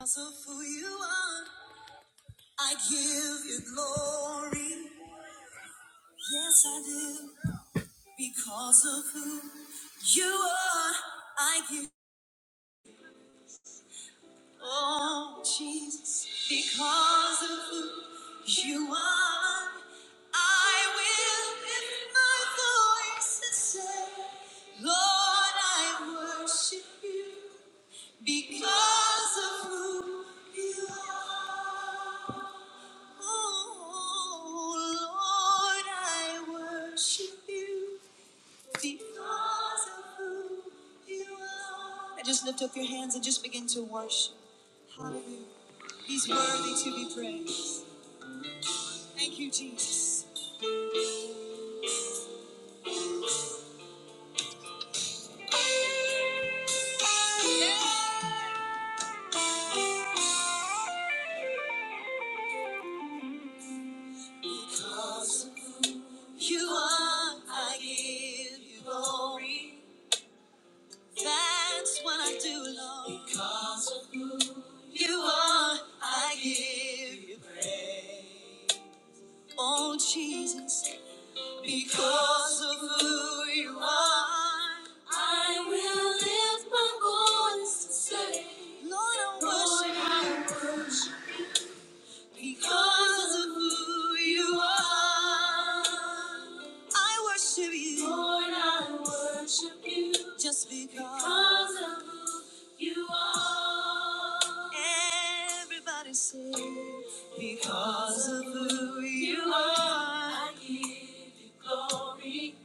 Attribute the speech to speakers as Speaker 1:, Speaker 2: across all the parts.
Speaker 1: Because of who you are, I give you glory. Yes, I do. Because of who you are, I give. Oh, Jesus. Because of who you are, I will lift my voice and say, Lord, I worship you because of who you are. Oh, I Just lift up your hands and just begin to worship. Hallelujah. He's worthy to be praised. Thank you, Jesus. Yeah. Because you are, I give you glory. That's what I do, Lord. Because you are, I give you praise. Oh Jesus, because of who you are, I will lift my voice to say, Lord, I worship you. Because of who you are, I worship you. Lord, I worship you. Just because, because of who you are. Everybody say, because of who you are, I give you glory.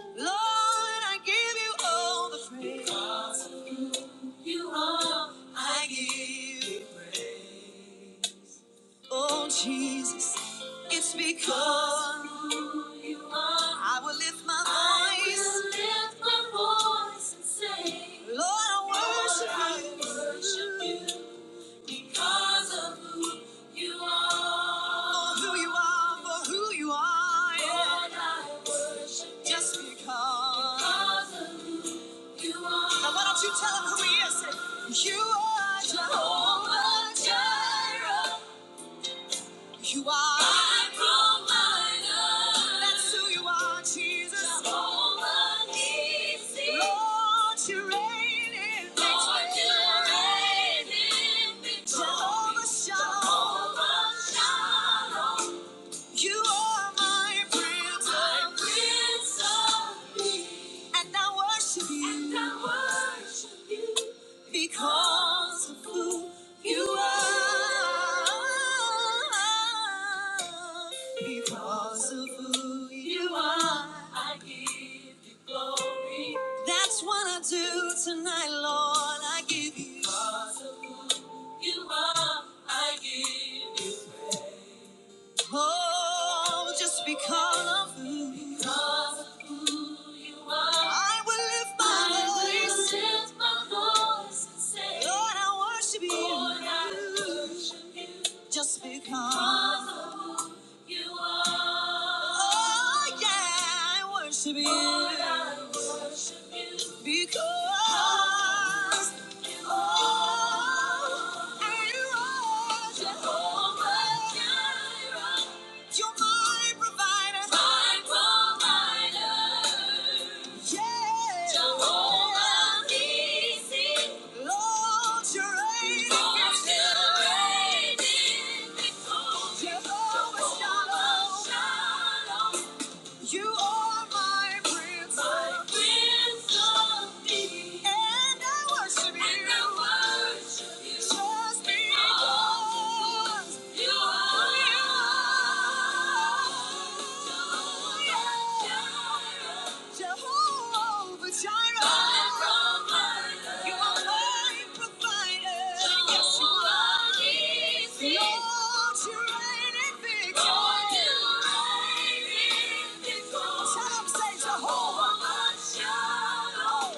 Speaker 1: Lord, I give you all the praise. Because of who you are, I give. you Oh, Jesus, it's because who you are. I will lift my I voice. I will lift my voice and say, Lord, I worship Lord, I you. worship you you because of who you are. For who you are, for who you are. yeah. Lord, I worship you Just because. because of who you are. Now why don't you tell him who he is? You are Jehovah Jireh. You are my provider. That's who you are, Jesus. Jehovah Nissi. Lord, you reign in victory. Lord, you reign in victory. Jehovah Shalom. Jehovah Shalom. You are my prince, my of prince of peace. and I worship you, and I worship you because of who you are. Because of who you are, I give you glory. That's what I do tonight, Lord. I give you because of who you are. I give you. Oh, just because of because of who you are, I will lift my I will voice. Will lift my voice and say, Lord, I worship you. Lord, I worship you. Just because, because of who you are. Oh, yeah, I worship you. Lord, I worship you. Because. because you Oh, are. I worship you Jehovah Jireh. You're my provider. My provider. Yeah. Jehovah Nissi. Lord, you're reigning. Lord, you're reigning. victorious. Jehovah Jehovah Shalom. Shalom. You are my prince, my of prince of peace. and I worship and you. I worship you just because because you are. You are. Jehovah Jireh. Jehovah Jireh, you are my provider. Yes, you are. Lord, you reign in victory. Lord, you reign in victory. Tell 'em, say Jehovah. Jehovah Jireh.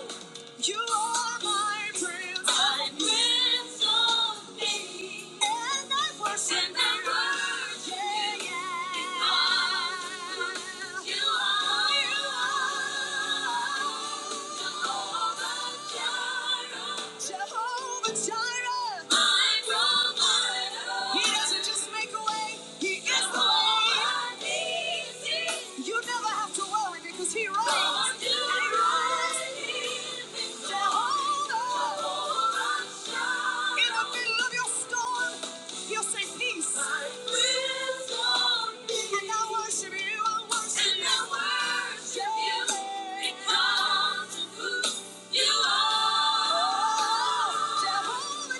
Speaker 1: You are my prince. My prince of peace. And I worship and I you. worship yeah, you. yeah. Because You are. You are. Jehovah Jireh. Jehovah Jireh, my provider. He doesn't just make a way, He is the way. You never have to worry because He reigns. Lord, you He reigns. reign. Jehovah, Jehovah in the middle of your storm, He'll say, Peace. My wisdom and I worship you, I worship and you. I worship you. Yeah. Because of who you are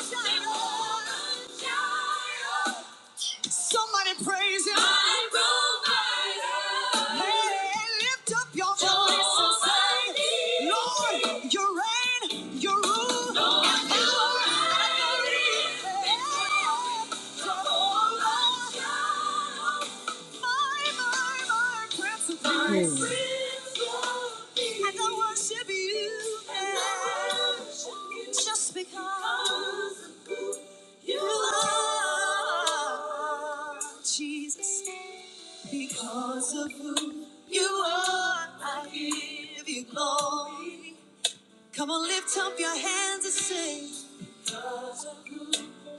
Speaker 1: Jehovah Jireh. Somebody praise him. My provider. Hey, lift up your voice and say, Lord, you reign, you rule. Lord, you are Hey, Jehovah Jireh. My, my, my Prince of Hmm. Peace. And I worship you. And I worship you. Just because you are. Jesus, because of who you are, I give you glory. Come on, lift up your hands and say,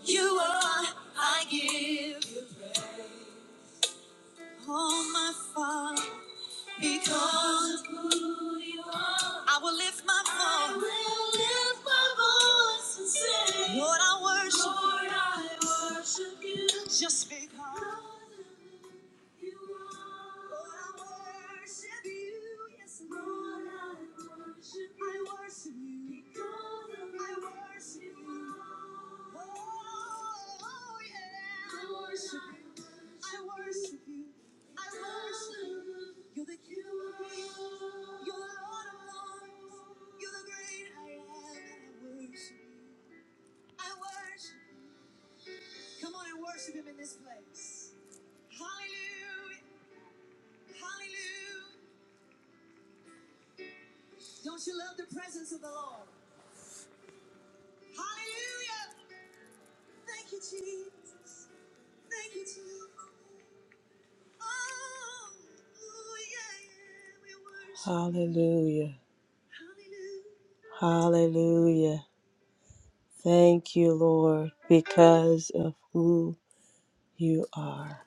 Speaker 1: You are, I give you all my Father. Because of who you are, I will lift my voice. I will lift my voice and say, Lord, I worship. Lord, I worship you. Just because. You're the King of Kings. You're the Lord of Lords. You're the great I am. I worship I worship. Come on and worship Him in this place. Hallelujah. Hallelujah. Don't you love the presence of the Lord? Hallelujah! Thank you, Jesus. Thank you, Jesus. Oh, yeah, yeah, we worship. Hallelujah. Hallelujah. Hallelujah. Thank you, Lord, because of who you are.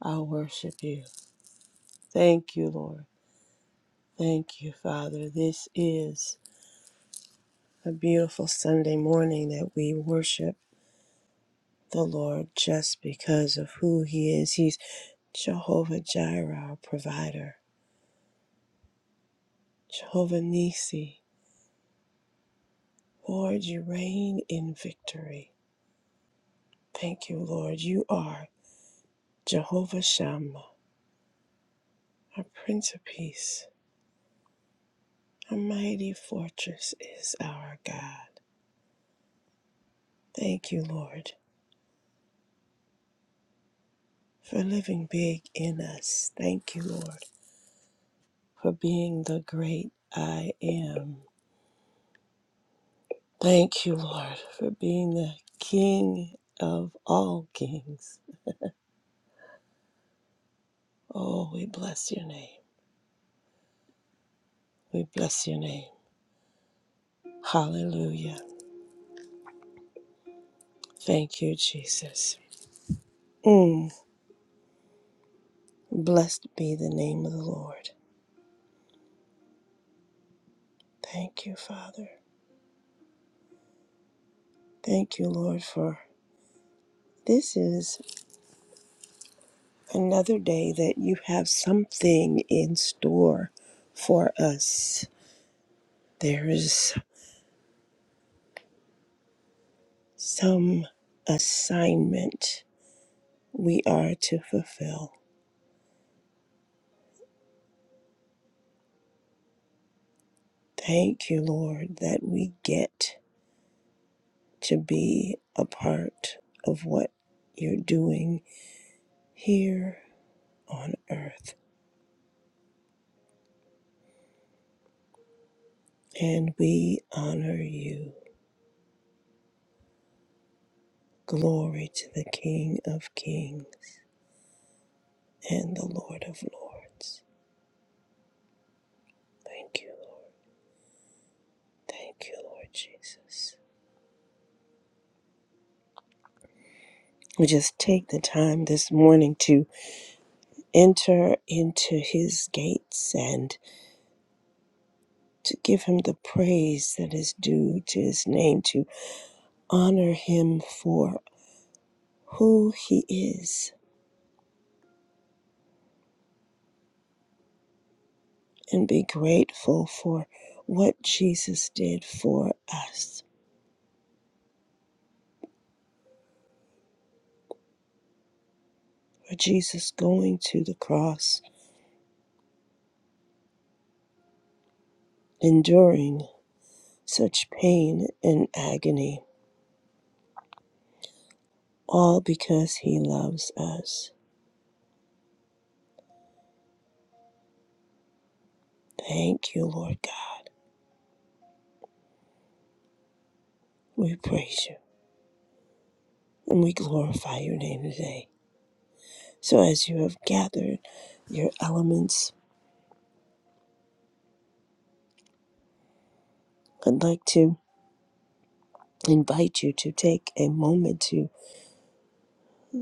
Speaker 1: I worship you. Thank you, Lord. Thank you, Father. This is a beautiful Sunday morning that we worship the Lord just because of who He is. He's Jehovah Jireh, our provider, Jehovah Nisi. Lord, you reign in victory. Thank you, Lord. You are Jehovah Shammah, our Prince of Peace. Our mighty fortress is our God. Thank you, Lord, for living big in us. Thank you, Lord, for being the great I am. Thank you, Lord, for being the King of all kings. Oh, we bless your name. We bless your name. Hallelujah. Thank you, Jesus. Mm. Blessed be the name of the Lord. Thank you, Father. Thank you, Lord, for this is another day that you have something in store for us. There is some assignment we are to fulfill. Thank you, Lord, that we get to be a part of what you're doing here on earth. And we honor you. Glory to the King of Kings and the Lord of Lords. Thank you, Lord. Thank you, Lord Jesus. We just take the time this morning to enter into his gates and to give him the praise that is due to his name, to honor him for who he is and be grateful for what Jesus did for us. For Jesus going to the cross, enduring such pain and agony, all because he loves us. Thank you, Lord God. We praise you and we glorify your name today. So, as you have gathered your elements, I'd like to invite you to take a moment to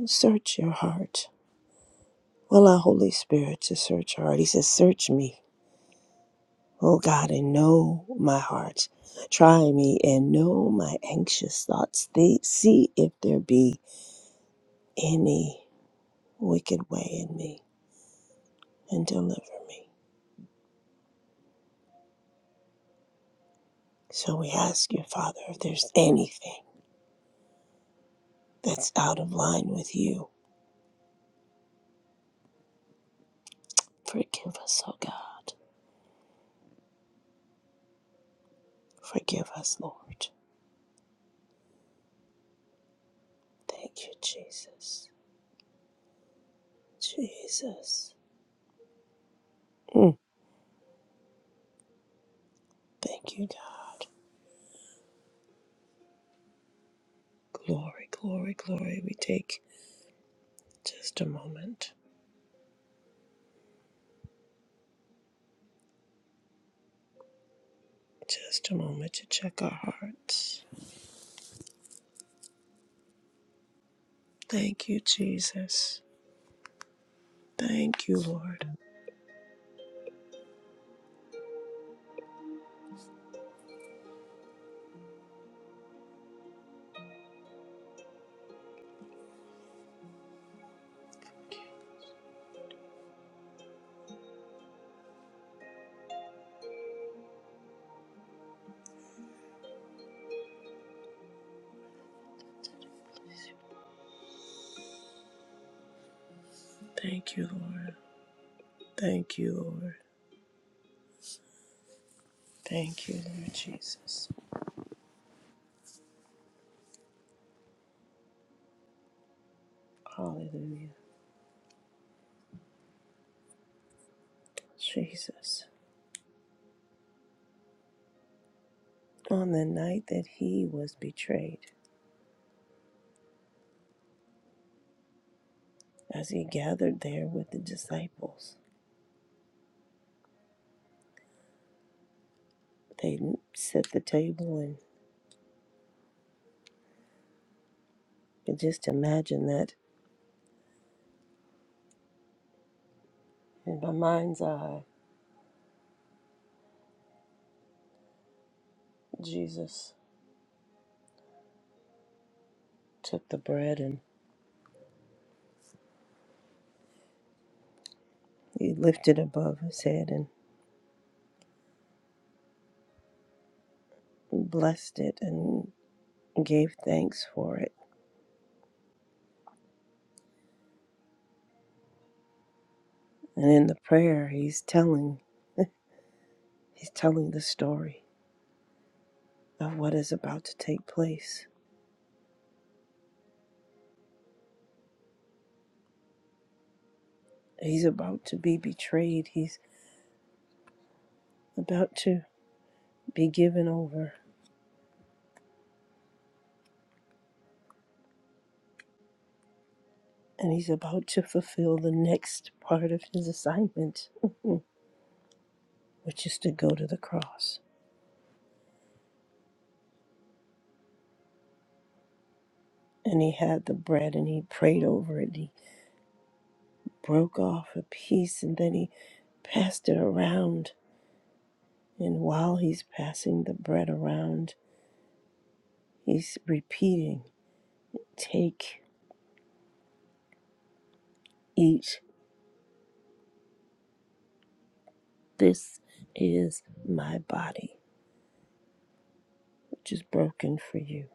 Speaker 1: Search your heart. Allow Holy Spirit to search your heart. He says, Search me, O God, and know my heart. Try me and know my anxious thoughts. They see if there be any wicked way in me and deliver me. So we ask you, Father, if there's anything that's out of line with you, forgive us, O God. Forgive us, Lord. Thank you, Jesus. Jesus. Mm. Thank you, God. Glory, glory, glory. We take just a moment, just a moment to check our hearts. Thank you, Jesus. Thank you, Lord. Thank you, Lord. Thank you, Lord. Thank you, Lord Jesus. Hallelujah. Jesus. On the night that he was betrayed, as he gathered there with the disciples, they set the table and and just imagine that in my mind's eye, Jesus took the bread and He lifted above his head and blessed it and gave thanks for it. And in the prayer he's telling he's telling the story of what is about to take place. He's about to be betrayed. He's about to be given over. And he's about to fulfill the next part of his assignment, which is to go to the cross. And he had the bread and he prayed over it. He broke off a piece and then he passed it around And while he's passing the bread around, he's repeating, Take, eat, this is my body, which is broken for you.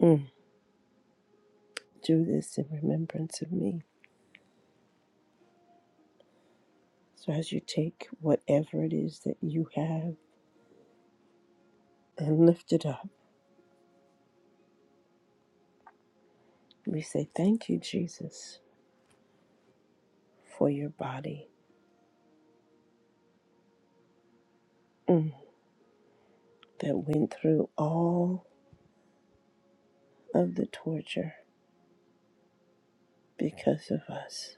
Speaker 1: Mm. Do this in remembrance of me. So as you take whatever it is that you have and lift it up, we say, Thank you, Jesus, for your body mm, that went through all of the torture because of us.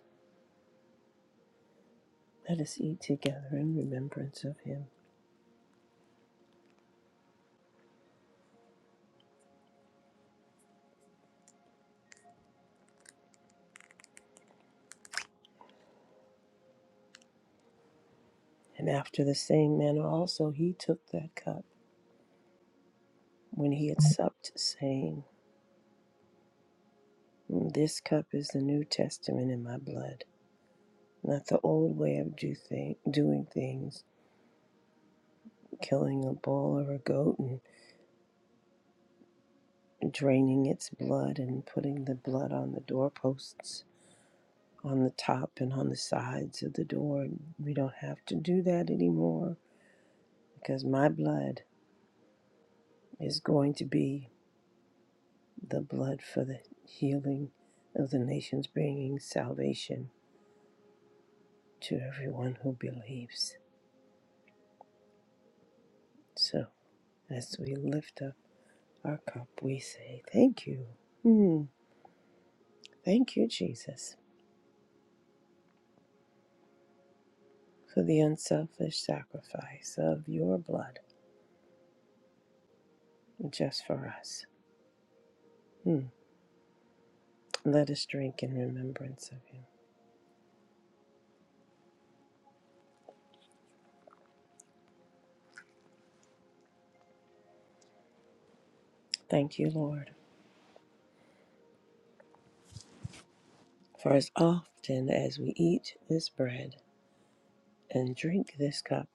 Speaker 1: Let us eat together in remembrance of him. And after the same manner also he took that cup when he had supped, saying, "Mm, This cup is the New Testament in my blood, not the old way of do thi- doing things, killing a bull or a goat and draining its blood and putting the blood on the doorposts, on the top and on the sides of the door. We don't have to do that anymore because my blood is going to be the blood for the healing of the nations, bringing salvation to everyone who believes. So, as we lift up our cup, we say, Thank you. Hmm. Thank you, Jesus, for the unselfish sacrifice of your blood just for us. Hmm. Let us drink in remembrance of him. Thank you, Lord, for as often as we eat this bread and drink this cup,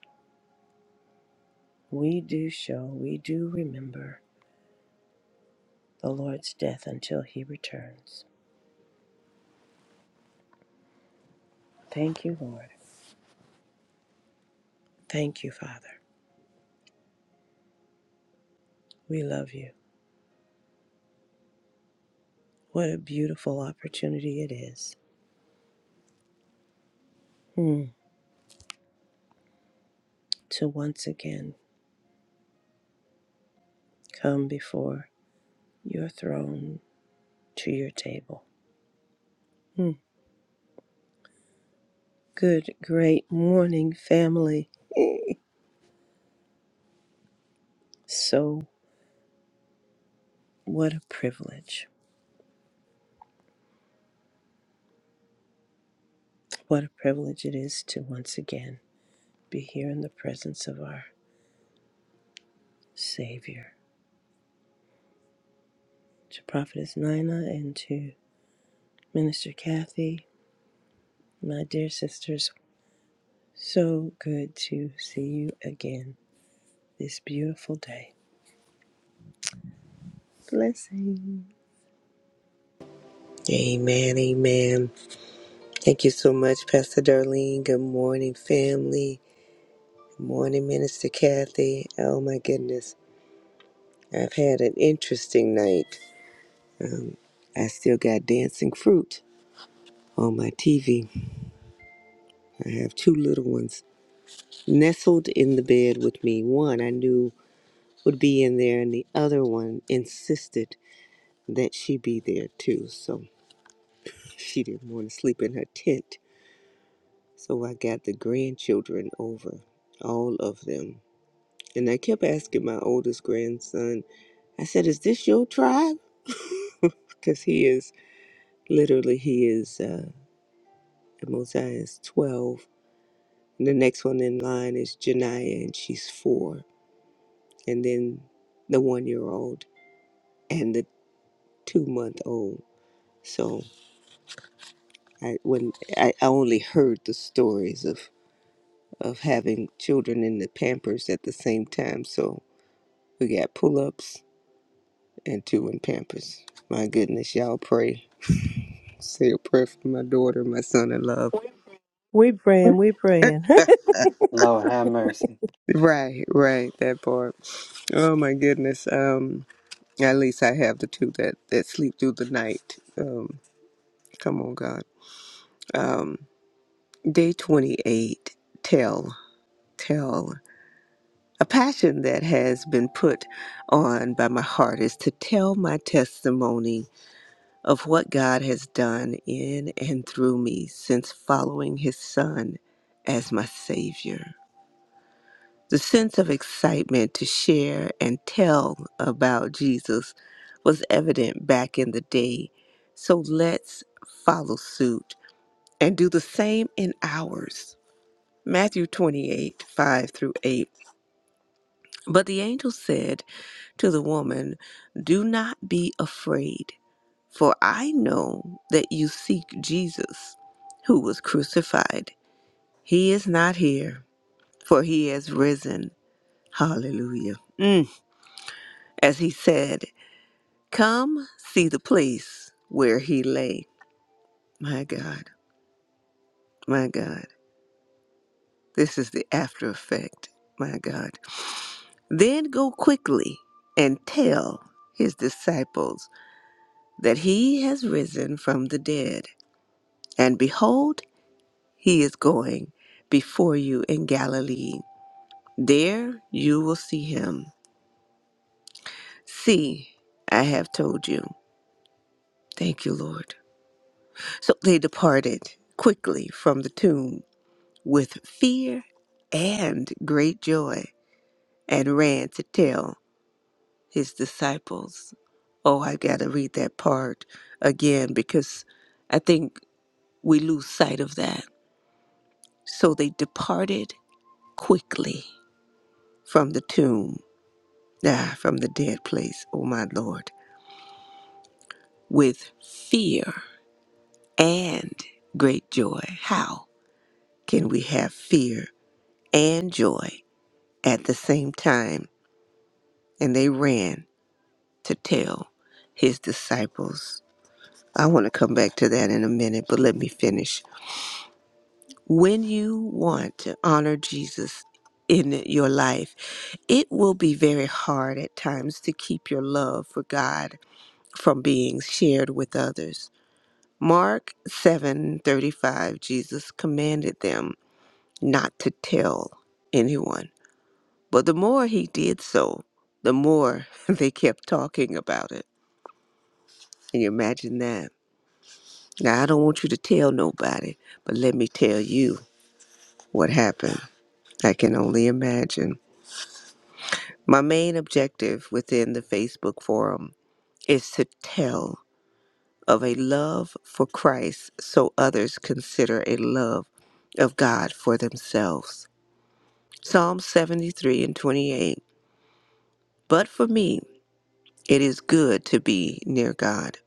Speaker 1: we do show, we do remember the Lord's death until he returns. Thank you, Lord. Thank you, Father. We love you. What a beautiful opportunity it is mm, to once again come before your throne to your table. Mm. Good, great morning, family. So, what a privilege. What a privilege it is to once again be here in the presence of our Savior. To Prophetess Nina and to Minister Kathy, my dear sisters, so good to see you again this beautiful day. Blessing.
Speaker 2: Amen, amen. Thank you so much, Pastor Darlene. Good morning, family. Good morning, Minister Kathy. Oh my goodness. I've had an interesting night. I still got dancing fruit on my TV. I have two little ones nestled in the bed with me. One I knew would be in there, and the other one insisted that she be there too. So she didn't want to sleep in her tent. So I got the grandchildren over, all of them And I kept asking my oldest grandson, I said, Is this your tribe? Because he is literally, he is, uh, Mosiah is 12. And the next one in line is Janiyah, and she's four. And then the one year old and the two month old. So I, when I, I only heard the stories of, of having children in the Pampers at the same time. So we got pull ups and two in Pampers. My goodness, y'all pray. Say a prayer for my daughter, my son in love.
Speaker 1: We praying, we praying.
Speaker 3: Lord have mercy.
Speaker 2: Right, right, that part. Oh my goodness. Um at least I have the two that, that sleep through the night. Um come on God. Um day twenty eight, tell, tell. A passion that has been put on by my heart is to tell my testimony of what God has done in and through me since following his son as my savior. The sense of excitement to share and tell about Jesus was evident back in the day. So let's follow suit and do the same in ours. Matthew 28 5 through 8. But the angel said to the woman, Do not be afraid, for I know that you seek Jesus, who was crucified. He is not here, for he has risen. Hallelujah. Mm. As he said, Come see the place where he lay. My God, my God. This is the after effect. My God. Then go quickly and tell his disciples that he has risen from the dead. And behold, he is going before you in Galilee. There you will see him. See, I have told you. Thank you, Lord. So they departed quickly from the tomb with fear and great joy and ran to tell his disciples. Oh, I got to read that part again because I think we lose sight of that. So they departed quickly from the tomb, ah, from the dead place, oh my Lord, with fear and great joy. How can we have fear and joy at the same time? And they ran to tell his disciples. I want to come back to that in a minute, but let me finish. When you want to honor Jesus in your life, it will be very hard at times to keep your love for God from being shared with others. Mark 7:35 Jesus commanded them not to tell anyone. But the more he did so, the more they kept talking about it. Can you imagine that? Now, I don't want you to tell nobody, but let me tell you what happened. I can only imagine. My main objective within the Facebook forum is to tell of a love for Christ so others consider a love of God for themselves. Psalm 73 and 28. But for me, it is good to be near God.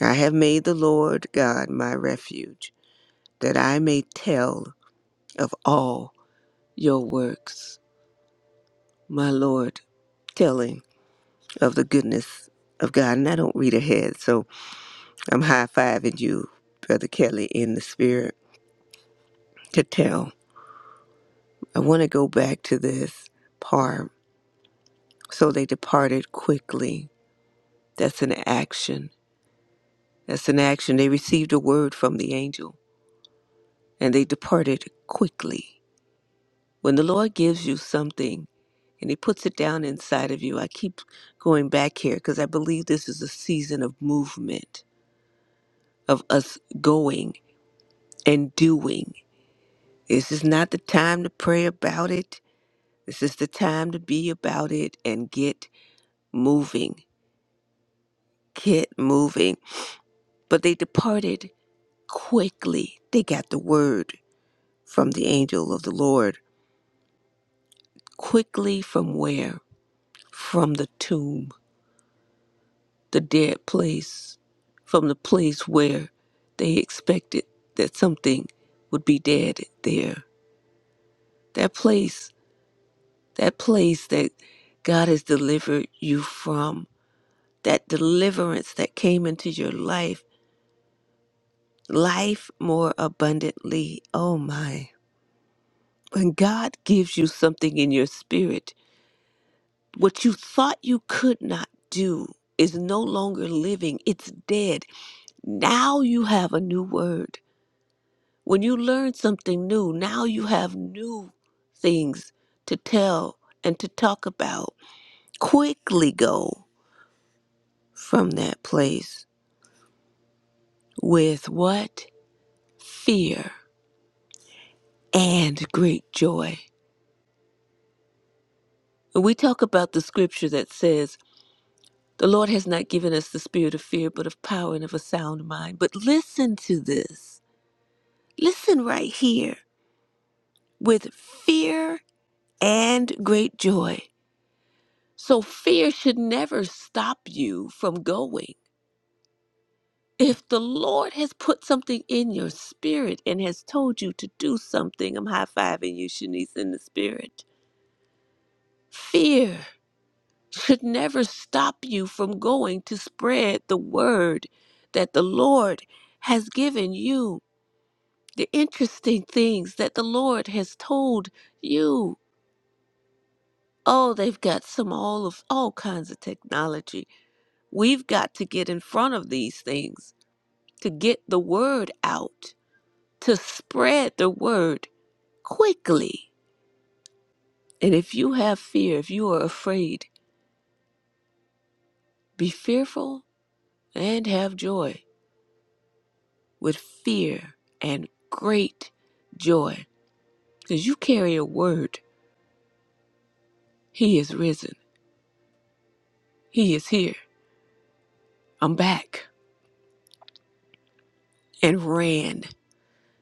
Speaker 2: I have made the Lord God my refuge, that I may tell of all your works. my Lord, telling of the goodness of God. And I don't read ahead, so I'm high fiving you, Brother Kelly, in the spirit to tell. I want to go back to this part. So they departed quickly. That's an action. That's an action. They received a word from the angel and they departed quickly. When the Lord gives you something and He puts it down inside of you, I keep going back here because I believe this is a season of movement, of us going. and doing. This is not the time to pray about it. This is the time to be about it and get moving. Get moving. But they departed quickly. They got the word from the angel of the Lord. Quickly from where? From the tomb, the dead place, from the place where they expected that something would be dead there. That place, that place that God has delivered you from that deliverance that came into your life, life more abundantly. Oh my. When God gives you something in your spirit, what you thought you could not do is no longer living, it's dead. Now you have a new word. When you learn something new, now you have new things to tell and to talk about. Quickly go from that place with what? Fear. and great joy. And we talk about the scripture that says, The Lord has not given us the spirit of fear, but of power and of a sound mind. But listen to this. Listen right here with fear and great joy. So fear should never stop you from going. If the Lord has put something in your spirit and has told you to do something, I'm high fiving you, Shanice, in the spirit. Fear should never stop you from going to spread the word that the Lord has given you, the interesting things that the Lord has told you. Oh, they've got some all of all kinds of technology. We've got to get in front of these things to get the word out, to spread the word quickly. And if you have fear, if you are afraid, be fearful and have joy with fear and great joy because you carry a word. He is risen. He is here. I'm back. And ran.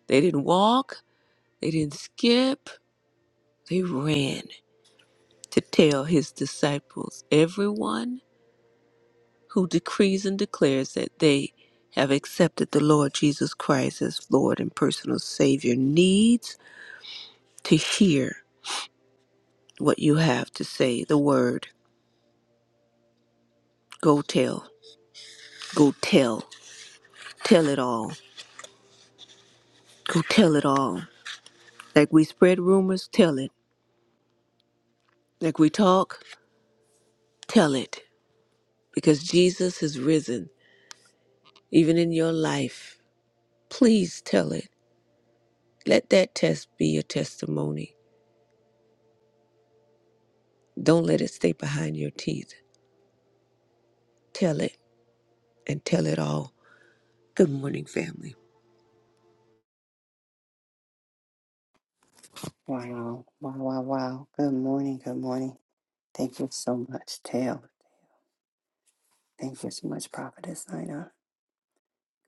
Speaker 2: They didn't walk, they didn't skip, they ran to tell his disciples, everyone who decrees and declares that they have accepted the Lord Jesus Christ as Lord and personal Savior needs to hear what you have to say, the word. Go tell, go tell, tell it all Go tell it all. Like we spread rumors, tell it. Like we talk, tell it. Because Jesus has risen, even in your life. Please tell it. Let that test be your testimony. Don't let it stay behind your teeth. Tell it and tell it all. Good morning, family.
Speaker 3: Wow. Wow, wow, wow. Good morning. Good morning. Thank you so much, Tail. Thank you so much, Prophetess Nina.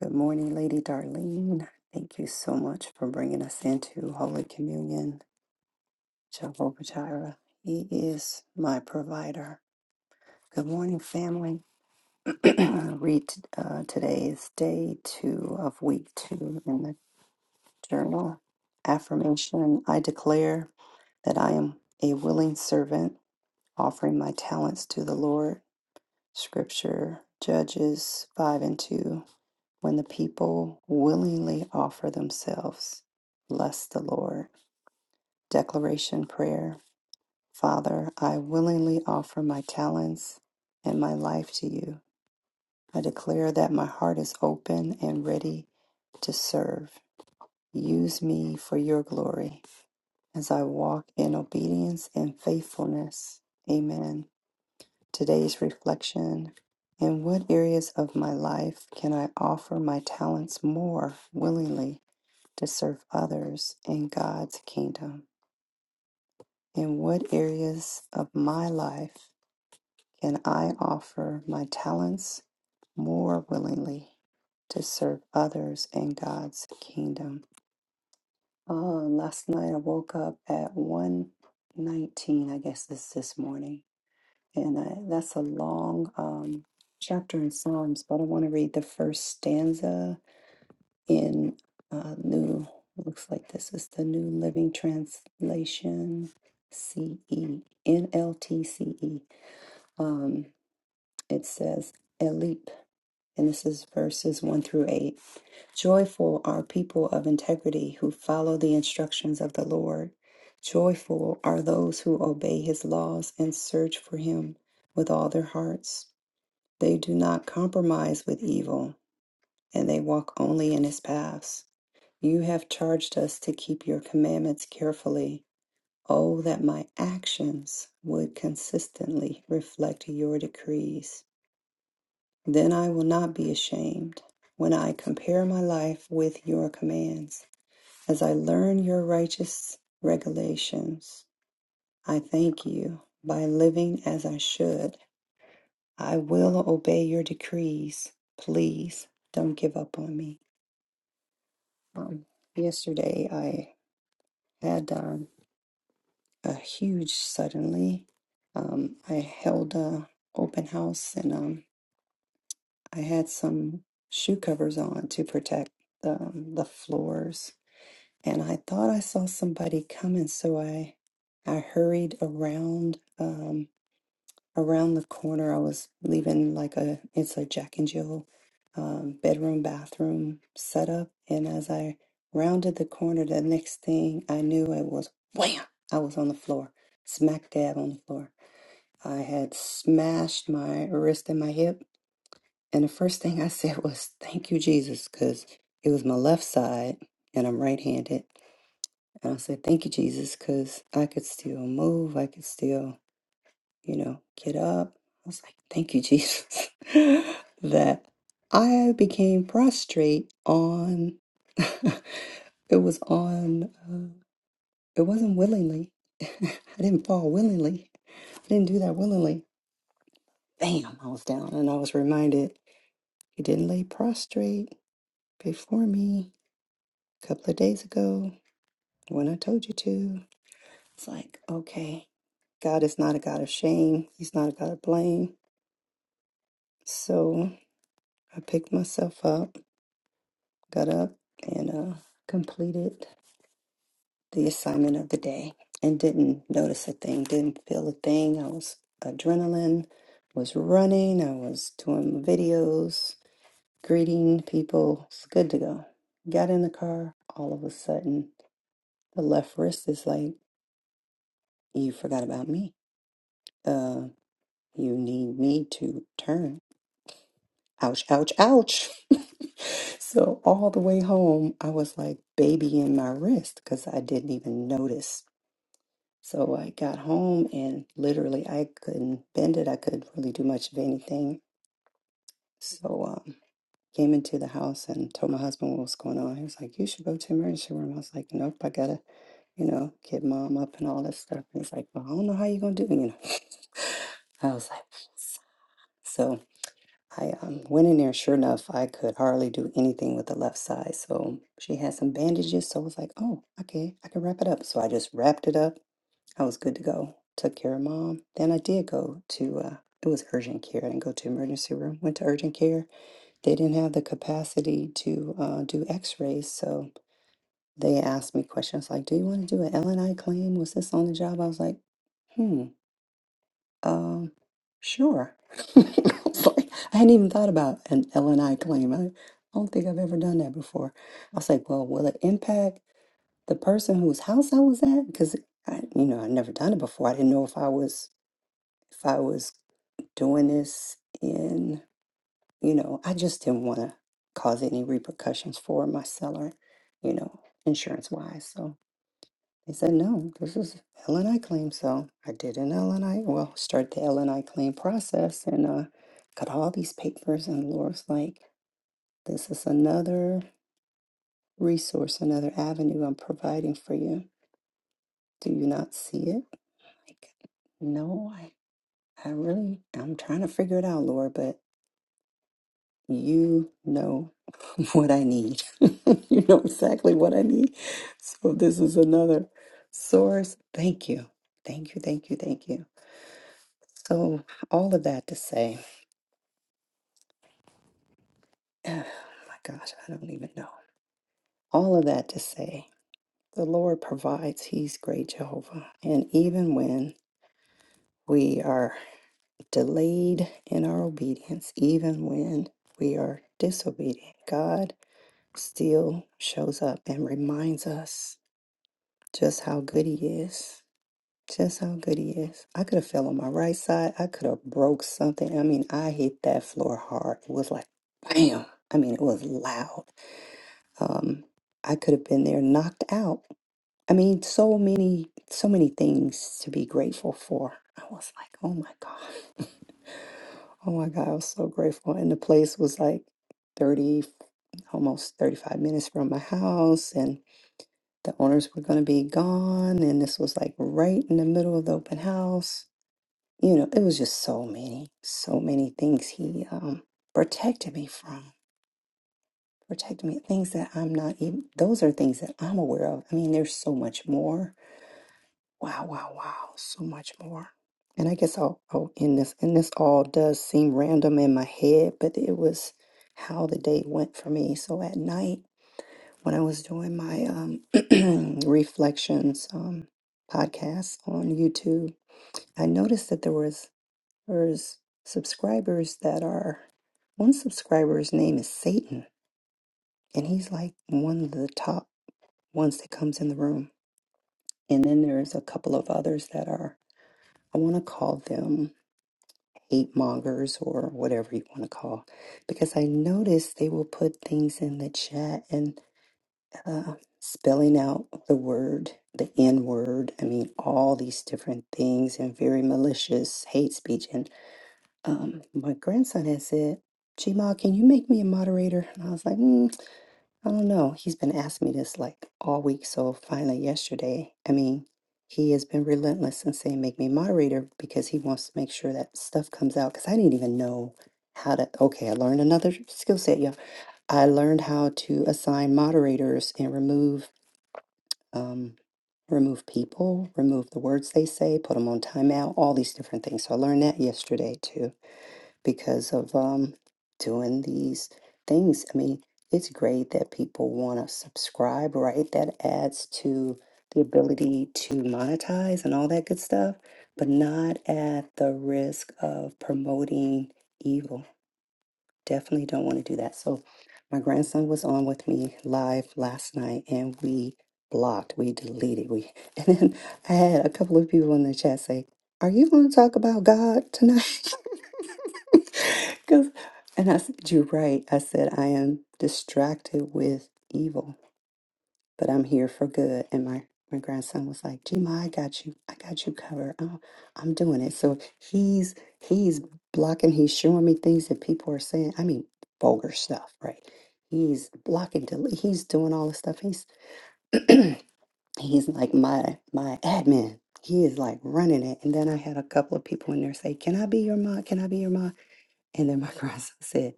Speaker 3: Good morning, Lady Darlene. Thank you so much for bringing us into Holy Communion. Jehovah Jireh, He is my provider. Good morning, family. Read uh, today is day two of week two in the journal. Affirmation I declare that I am a willing servant offering my talents to the Lord. Scripture, Judges 5 and 2. When the people willingly offer themselves, bless the Lord. Declaration prayer Father, I willingly offer my talents and my life to you. I declare that my heart is open and ready to serve. Use me for your glory as I walk in obedience and faithfulness. Amen. Today's reflection In what areas of my life can I offer my talents more willingly to serve others in God's kingdom? In what areas of my life can I offer my talents more willingly to serve others in God's kingdom? Uh, last night I woke up at one nineteen. I guess this this morning And uh, that's a long um, chapter in Psalms, but I want to read the first stanza in uh, New, looks like this is the New Living Translation, CE, NLTCE. Um, it says, Elip, and this is verses 1 through 8. Joyful are people of integrity who follow the instructions of the Lord. Joyful are those who obey his laws and search for him with all their hearts. They do not compromise with evil, and they walk only in his paths. You have charged us to keep your commandments carefully. Oh, that my actions would consistently reflect your decrees. Then I will not be ashamed when I compare my life with your commands. As I learn your righteous regulations, I thank you by living as I should. I will obey your decrees. Please don't give up on me. Um, yesterday, I had um, a huge suddenly. Um, I held a open house and um, I had some shoe covers on to protect the, um, the floors. And I thought I saw somebody coming, so I I hurried around. Um, around the corner, I was leaving like a it's a Jack and Jill um, bedroom bathroom setup, and as I rounded the corner, the next thing I knew, it was wham! I was on the floor, smack dab on the floor. I had smashed my wrist and my hip, and the first thing I said was "Thank you, Jesus," because it was my left side, and I'm right-handed. And I said, "Thank you, Jesus," because I could still move. I could still you know, get up. I was like, thank you, Jesus, that I became prostrate on, it was on, uh, it wasn't willingly. I didn't fall willingly. I didn't do that willingly. Bam, I was down and I was reminded you didn't lay prostrate before me a couple of days ago when I told you to. It's like, okay, God is not a God of shame. He's not a God of blame. So I picked myself up got up and uh, completed the assignment of the day and didn't notice a thing, didn't feel a thing. I was adrenaline was running, I was doing videos, greeting people. It's good to go. Got in the car, all of a sudden, the left wrist is like, You forgot about me. Uh, you need me to turn. Ouch, ouch, ouch. so, all the way home, I was like babying my wrist because I didn't even notice So I got home and literally I couldn't bend it. I couldn't really do much of anything. So um, came into the house and told my husband what was going on. He was like, "You should go to emergency room." I was like, "Nope, I gotta, you know, get mom up and all that stuff." And he's like, "Well, I don't know how you are gonna do it." You know, I was like, so I um, went in there. Sure enough, I could hardly do anything with the left side. So she had some bandages. So I was like, "Oh, okay, I can wrap it up." So I just wrapped it up I was good to go. Took care of mom. Then I did go to, uh, it was urgent care. I didn't go to emergency room. Went to urgent care. They didn't have the capacity to uh, do x rays. So they asked me questions like, Do you want to do an L and I claim? Was this on the job? I was like, Hmm, um, sure. I was like, I hadn't even thought about an L and I claim. I don't think I've ever done that before. I was like, Well, will it impact the person whose house I was at? Because I, you know, I'd never done it before. I didn't know if I was if I was doing this in, you know, I just didn't want to cause any repercussions for my seller, you know, insurance wise. So they said, no, this is L and I claim. So I did an L and I, well, start the L and I claim process and uh, got all these papers. And Laura's like, this is another resource, another avenue I'm providing for you. Do you not see it? Like, no, I, I really, I'm trying to figure it out, Laura, but you know what I need. you know exactly what I need. So this is another source. Thank you. Thank you. Thank you. Thank you. So all of that to say, oh my gosh, I don't even know. All of that to say, the Lord provides. He's great Jehovah. And even when we are delayed in our obedience, even when we are disobedient, God still shows up and reminds us Just how good he is. Just how good he is. I could have fell on my right side. I could have broke something. I mean, I hit that floor hard. It was like bam. I mean, it was loud. Um, I could have been there knocked out. I mean, so many, so many things to be grateful for. I was like, oh my God. Oh my God, I was so grateful. And the place was like 30, almost 35 minutes from my house the owners were going to be gone and this was like right in the middle of the open house you know it was just so many so many things he um, protected me from protected me things that i'm not even those are things that i'm aware of i mean there's so much more wow wow wow so much more and i guess i'll, I'll end this and this all does seem random in my head but it was how the day went for me so at night when I was doing my um, reflections um, podcast on YouTube, I noticed that there was there's subscribers that are one subscriber's name is Satan, and he's like one of the top ones that comes in the room. And then there's a couple of others that are I want to call them hate mongers or whatever you want to call, because I noticed they will put things in the chat and. uh, spelling out the word, the N word. I mean, all these different things and very malicious hate speech. And um, my grandson had said, Chima, can you make me a moderator? And I was like, mm, I don't know. He's been asking me this like all week. So finally, yesterday, I mean, he has been relentless in saying, make me a moderator because he wants to make sure that stuff comes out. Because I didn't even know how to. Okay, I learned another skill set, y'all. I learned how to assign moderators and remove um, remove people, remove the words they say, put them on timeout, all these different things. So I learned that yesterday too because of um, doing these things. I mean, it's great that people want to subscribe, right? That adds to the ability to monetize and all that good stuff, but not at the risk of promoting evil definitely don't want to do that. So, my grandson was on with me live last night, and we blocked, we deleted, we. And then I had a couple of people in the chat say, "Are you going to talk about God tonight?" Because, and I said, "You're right." I said, "I am distracted with evil." but I'm here for good. And my, my grandson was like, Gma, I got you. I got you covered. I'm, I'm doing it. So he's he's blocking, he's showing me things that people are saying. I mean, vulgar stuff, right? He's blocking, delete, he's doing all the stuff. He's he's like my my admin. He is like running it. And then I had a couple of people in there say, Can I be your mom? Can I be your mom? And then my grandson said,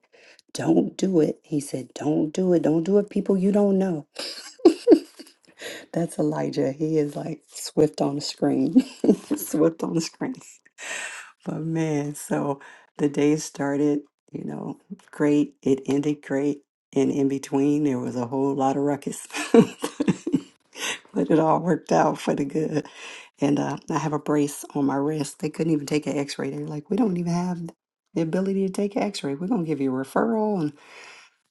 Speaker 3: Don't do it. He said, Don't do it. Don't do it, people you don't know. That's Elijah. He is like swift on the screen. Swift on the screen. But man, so the day started, you know, great. It ended great. And in between, there was a whole lot of ruckus. But it all worked out for the good. And uh, I have a brace on my wrist. They couldn't even take an x ray. They're like, we don't even have the ability to take an x ray. We're going to give you a referral.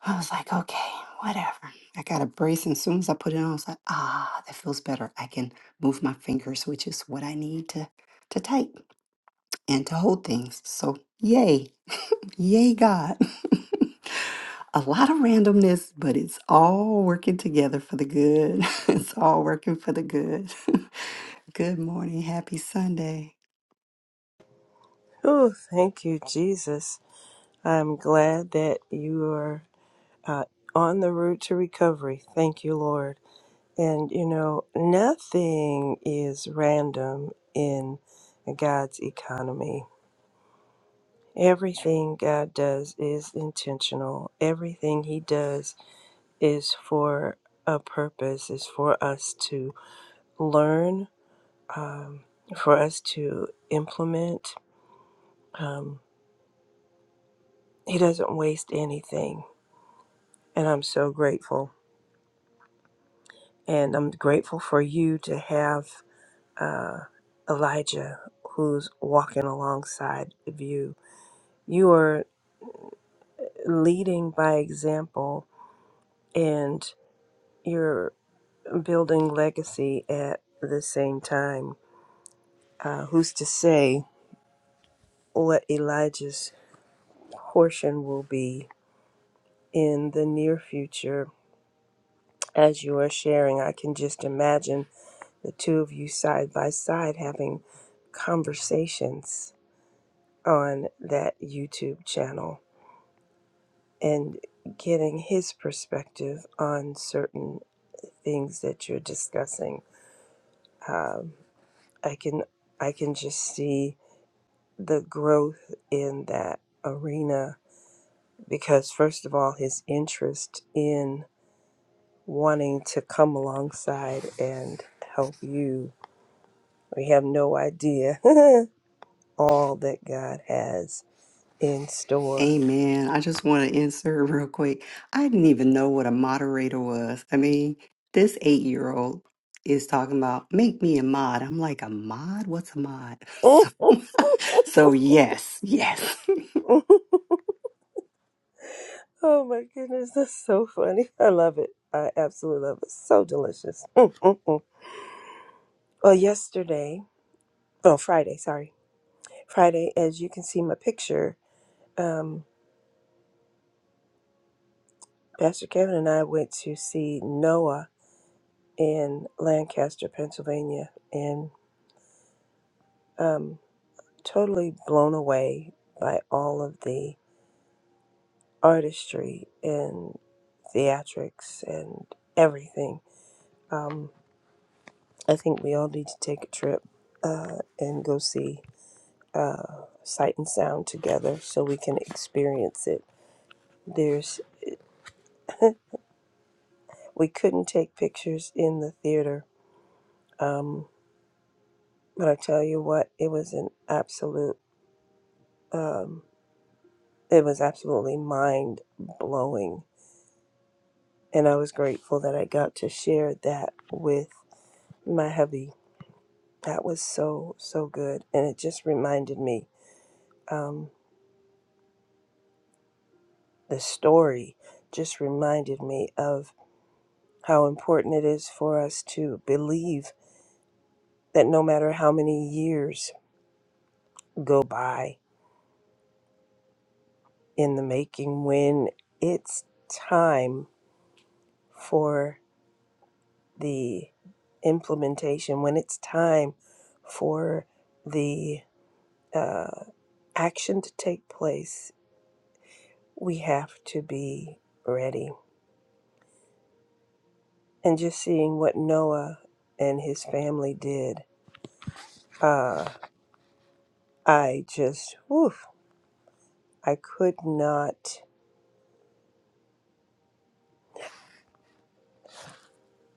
Speaker 3: I was like, okay, whatever. I got a brace, and as soon as I put it on, I was like, ah, that feels better. I can move my fingers, which is what I need to to type and to hold things. So yay, yay, God. a lot of randomness, but it's all working together for the good. it's all working for the good. good morning, happy Sunday.
Speaker 1: Oh, thank you, Jesus. I'm glad that you are uh, on the route to recovery. Thank you, Lord. And you know, nothing is random in God's economy. Everything God does is intentional. Everything He does is for a purpose, is for us to learn, for us to implement. Um, he doesn't waste anything. And I'm so grateful. And I'm grateful for you to have Elijah who's walking alongside of you. You are leading by example and you're building legacy at the same time. Uh, who's to say what Elijah's portion will be in the near future. As you are sharing, I can just imagine the two of you side by side having conversations on that YouTube channel and getting his perspective on certain things that you're discussing. Um, I can I can just see the growth in that arena because first of all, his interest in wanting to come alongside and help you We have no idea all that God has in store.
Speaker 3: Amen. I just want to insert real quick. I didn't even know what a moderator was. I mean, this eight year old is talking about make me a mod. I'm like, a mod? What's a mod? So,
Speaker 1: oh
Speaker 3: so yes, yes.
Speaker 1: my goodness, that's so funny. I love it. I absolutely love it. So delicious. Mm, mm, mm. Well, yesterday, oh, Friday, sorry. Friday, as you can see my picture, um, Pastor Kevin and I went to see Noah in Lancaster, Pennsylvania, and totally blown away by all of the artistry and theatrics and everything. Um, I think we all need to take a trip uh, and go see Sight and Sound together so we can experience it. There's we couldn't take pictures in the theater, um, but I tell you what, it was an absolute um, it was absolutely mind blowing, and I was grateful that I got to share that with my hubby That was so, so good. And it just reminded me, um, the story just reminded me of how important it is for us to believe that no matter how many years go by in the making, when it's time for the implementation, when it's time for the uh, action to take place, we have to be ready and just seeing what Noah and his family did, uh, I just, woof, I could not.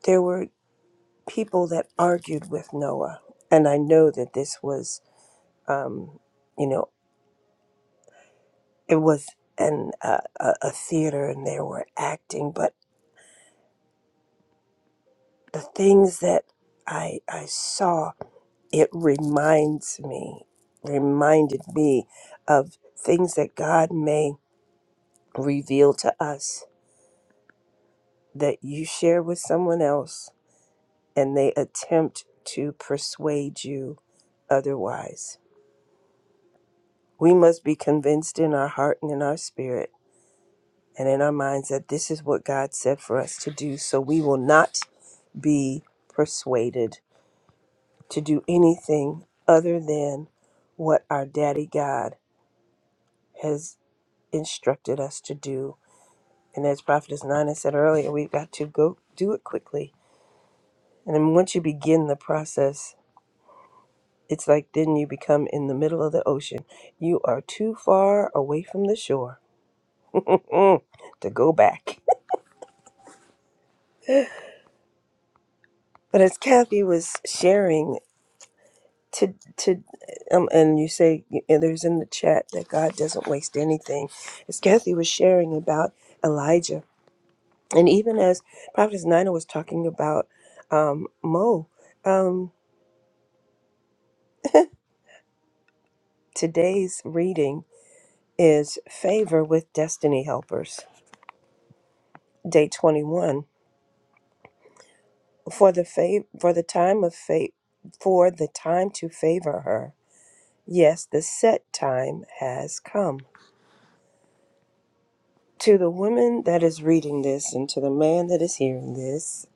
Speaker 1: There were people that argued with Noah, and I know that this was, um, you know, it was an uh, a, a theater, and they were acting, but the things that I I saw it reminds me, reminded me of things that God may reveal to us that you share with someone else and they attempt to persuade you otherwise. We must be convinced in our heart and in our spirit and in our minds that this is what God said for us to do, so we will not be persuaded to do anything other than what our daddy God has instructed us to do. And as Prophetess Nina said earlier, we've got to go do it quickly. And then once you begin the process, It's like then you become in the middle of the ocean. You are too far away from the shore mm, to go back. But as Kathy was sharing, to to um, and you say and there's in the chat that God doesn't waste anything. As Kathy was sharing about Elijah, and even as Prophetess Nina was talking about um, Mo, um, today's reading is favor with destiny helpers, day twenty one for the fa- for the time of fa- for the time to favor her. Yes, the set time has come. To the woman that is reading this and to the man that is hearing this,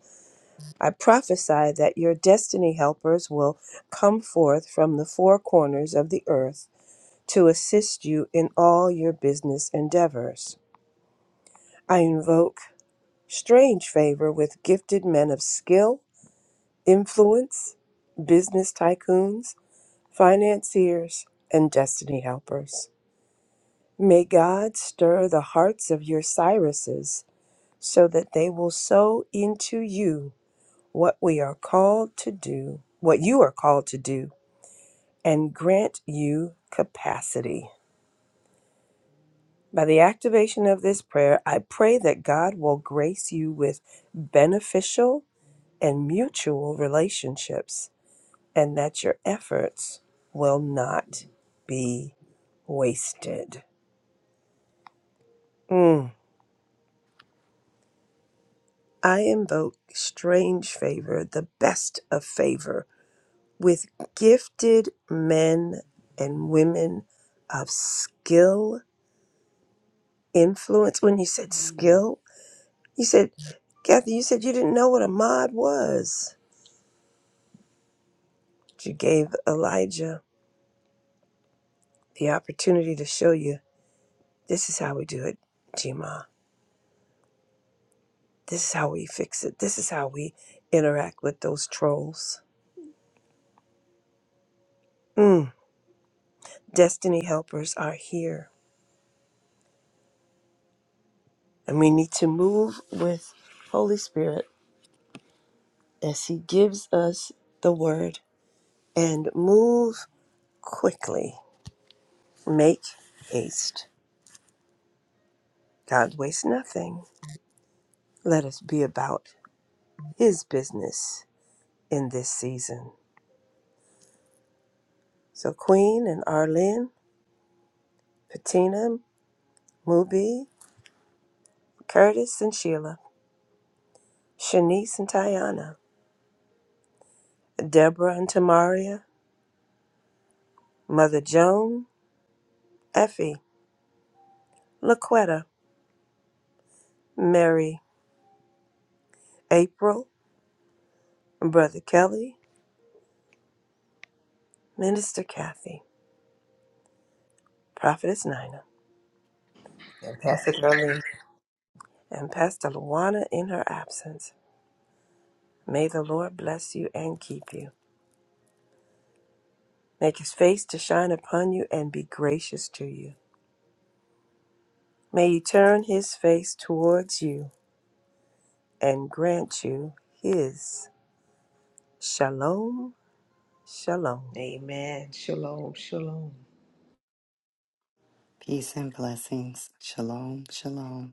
Speaker 1: I prophesy that your destiny helpers will come forth from the four corners of the earth to assist you in all your business endeavors. I invoke strange favor with gifted men of skill, influence, business tycoons, financiers, and destiny helpers. May God stir the hearts of your Cyruses so that they will sow into you what we are called to do, what you are called to do, and grant you capacity. By the activation of this prayer, I pray that God will grace you with beneficial and mutual relationships and that your efforts will not be wasted. Mm. I invoke strange favor, the best of favor, with gifted men and women of skill, influence. When you said skill, you said, Kathy, you said you didn't know what a mod was. You gave Elijah the opportunity to show you this is how we do it, Gma. This is how we fix it. This is how we interact with those trolls. Mm. Destiny helpers are here And we need to move with Holy Spirit as He gives us the word and move quickly. Make haste. God wastes nothing. Let us be about His business in this season. So, Queen and Arlene, Patina, Mubi, Curtis and Sheila, Shanice and Tiana, Deborah and Tamaria, Mother Joan, Effie, Laquetta, Mary, April, Brother Kelly, Minister Kathy, Prophetess Nina,
Speaker 2: And Pastor Darlene.
Speaker 1: and Pastor Luana in her absence. May the Lord bless you and keep you. Make his face to shine upon you and be gracious to you. May he turn his face towards you and grant you his shalom, shalom.
Speaker 2: Amen. Shalom. Shalom.
Speaker 3: Peace and blessings. Shalom, shalom.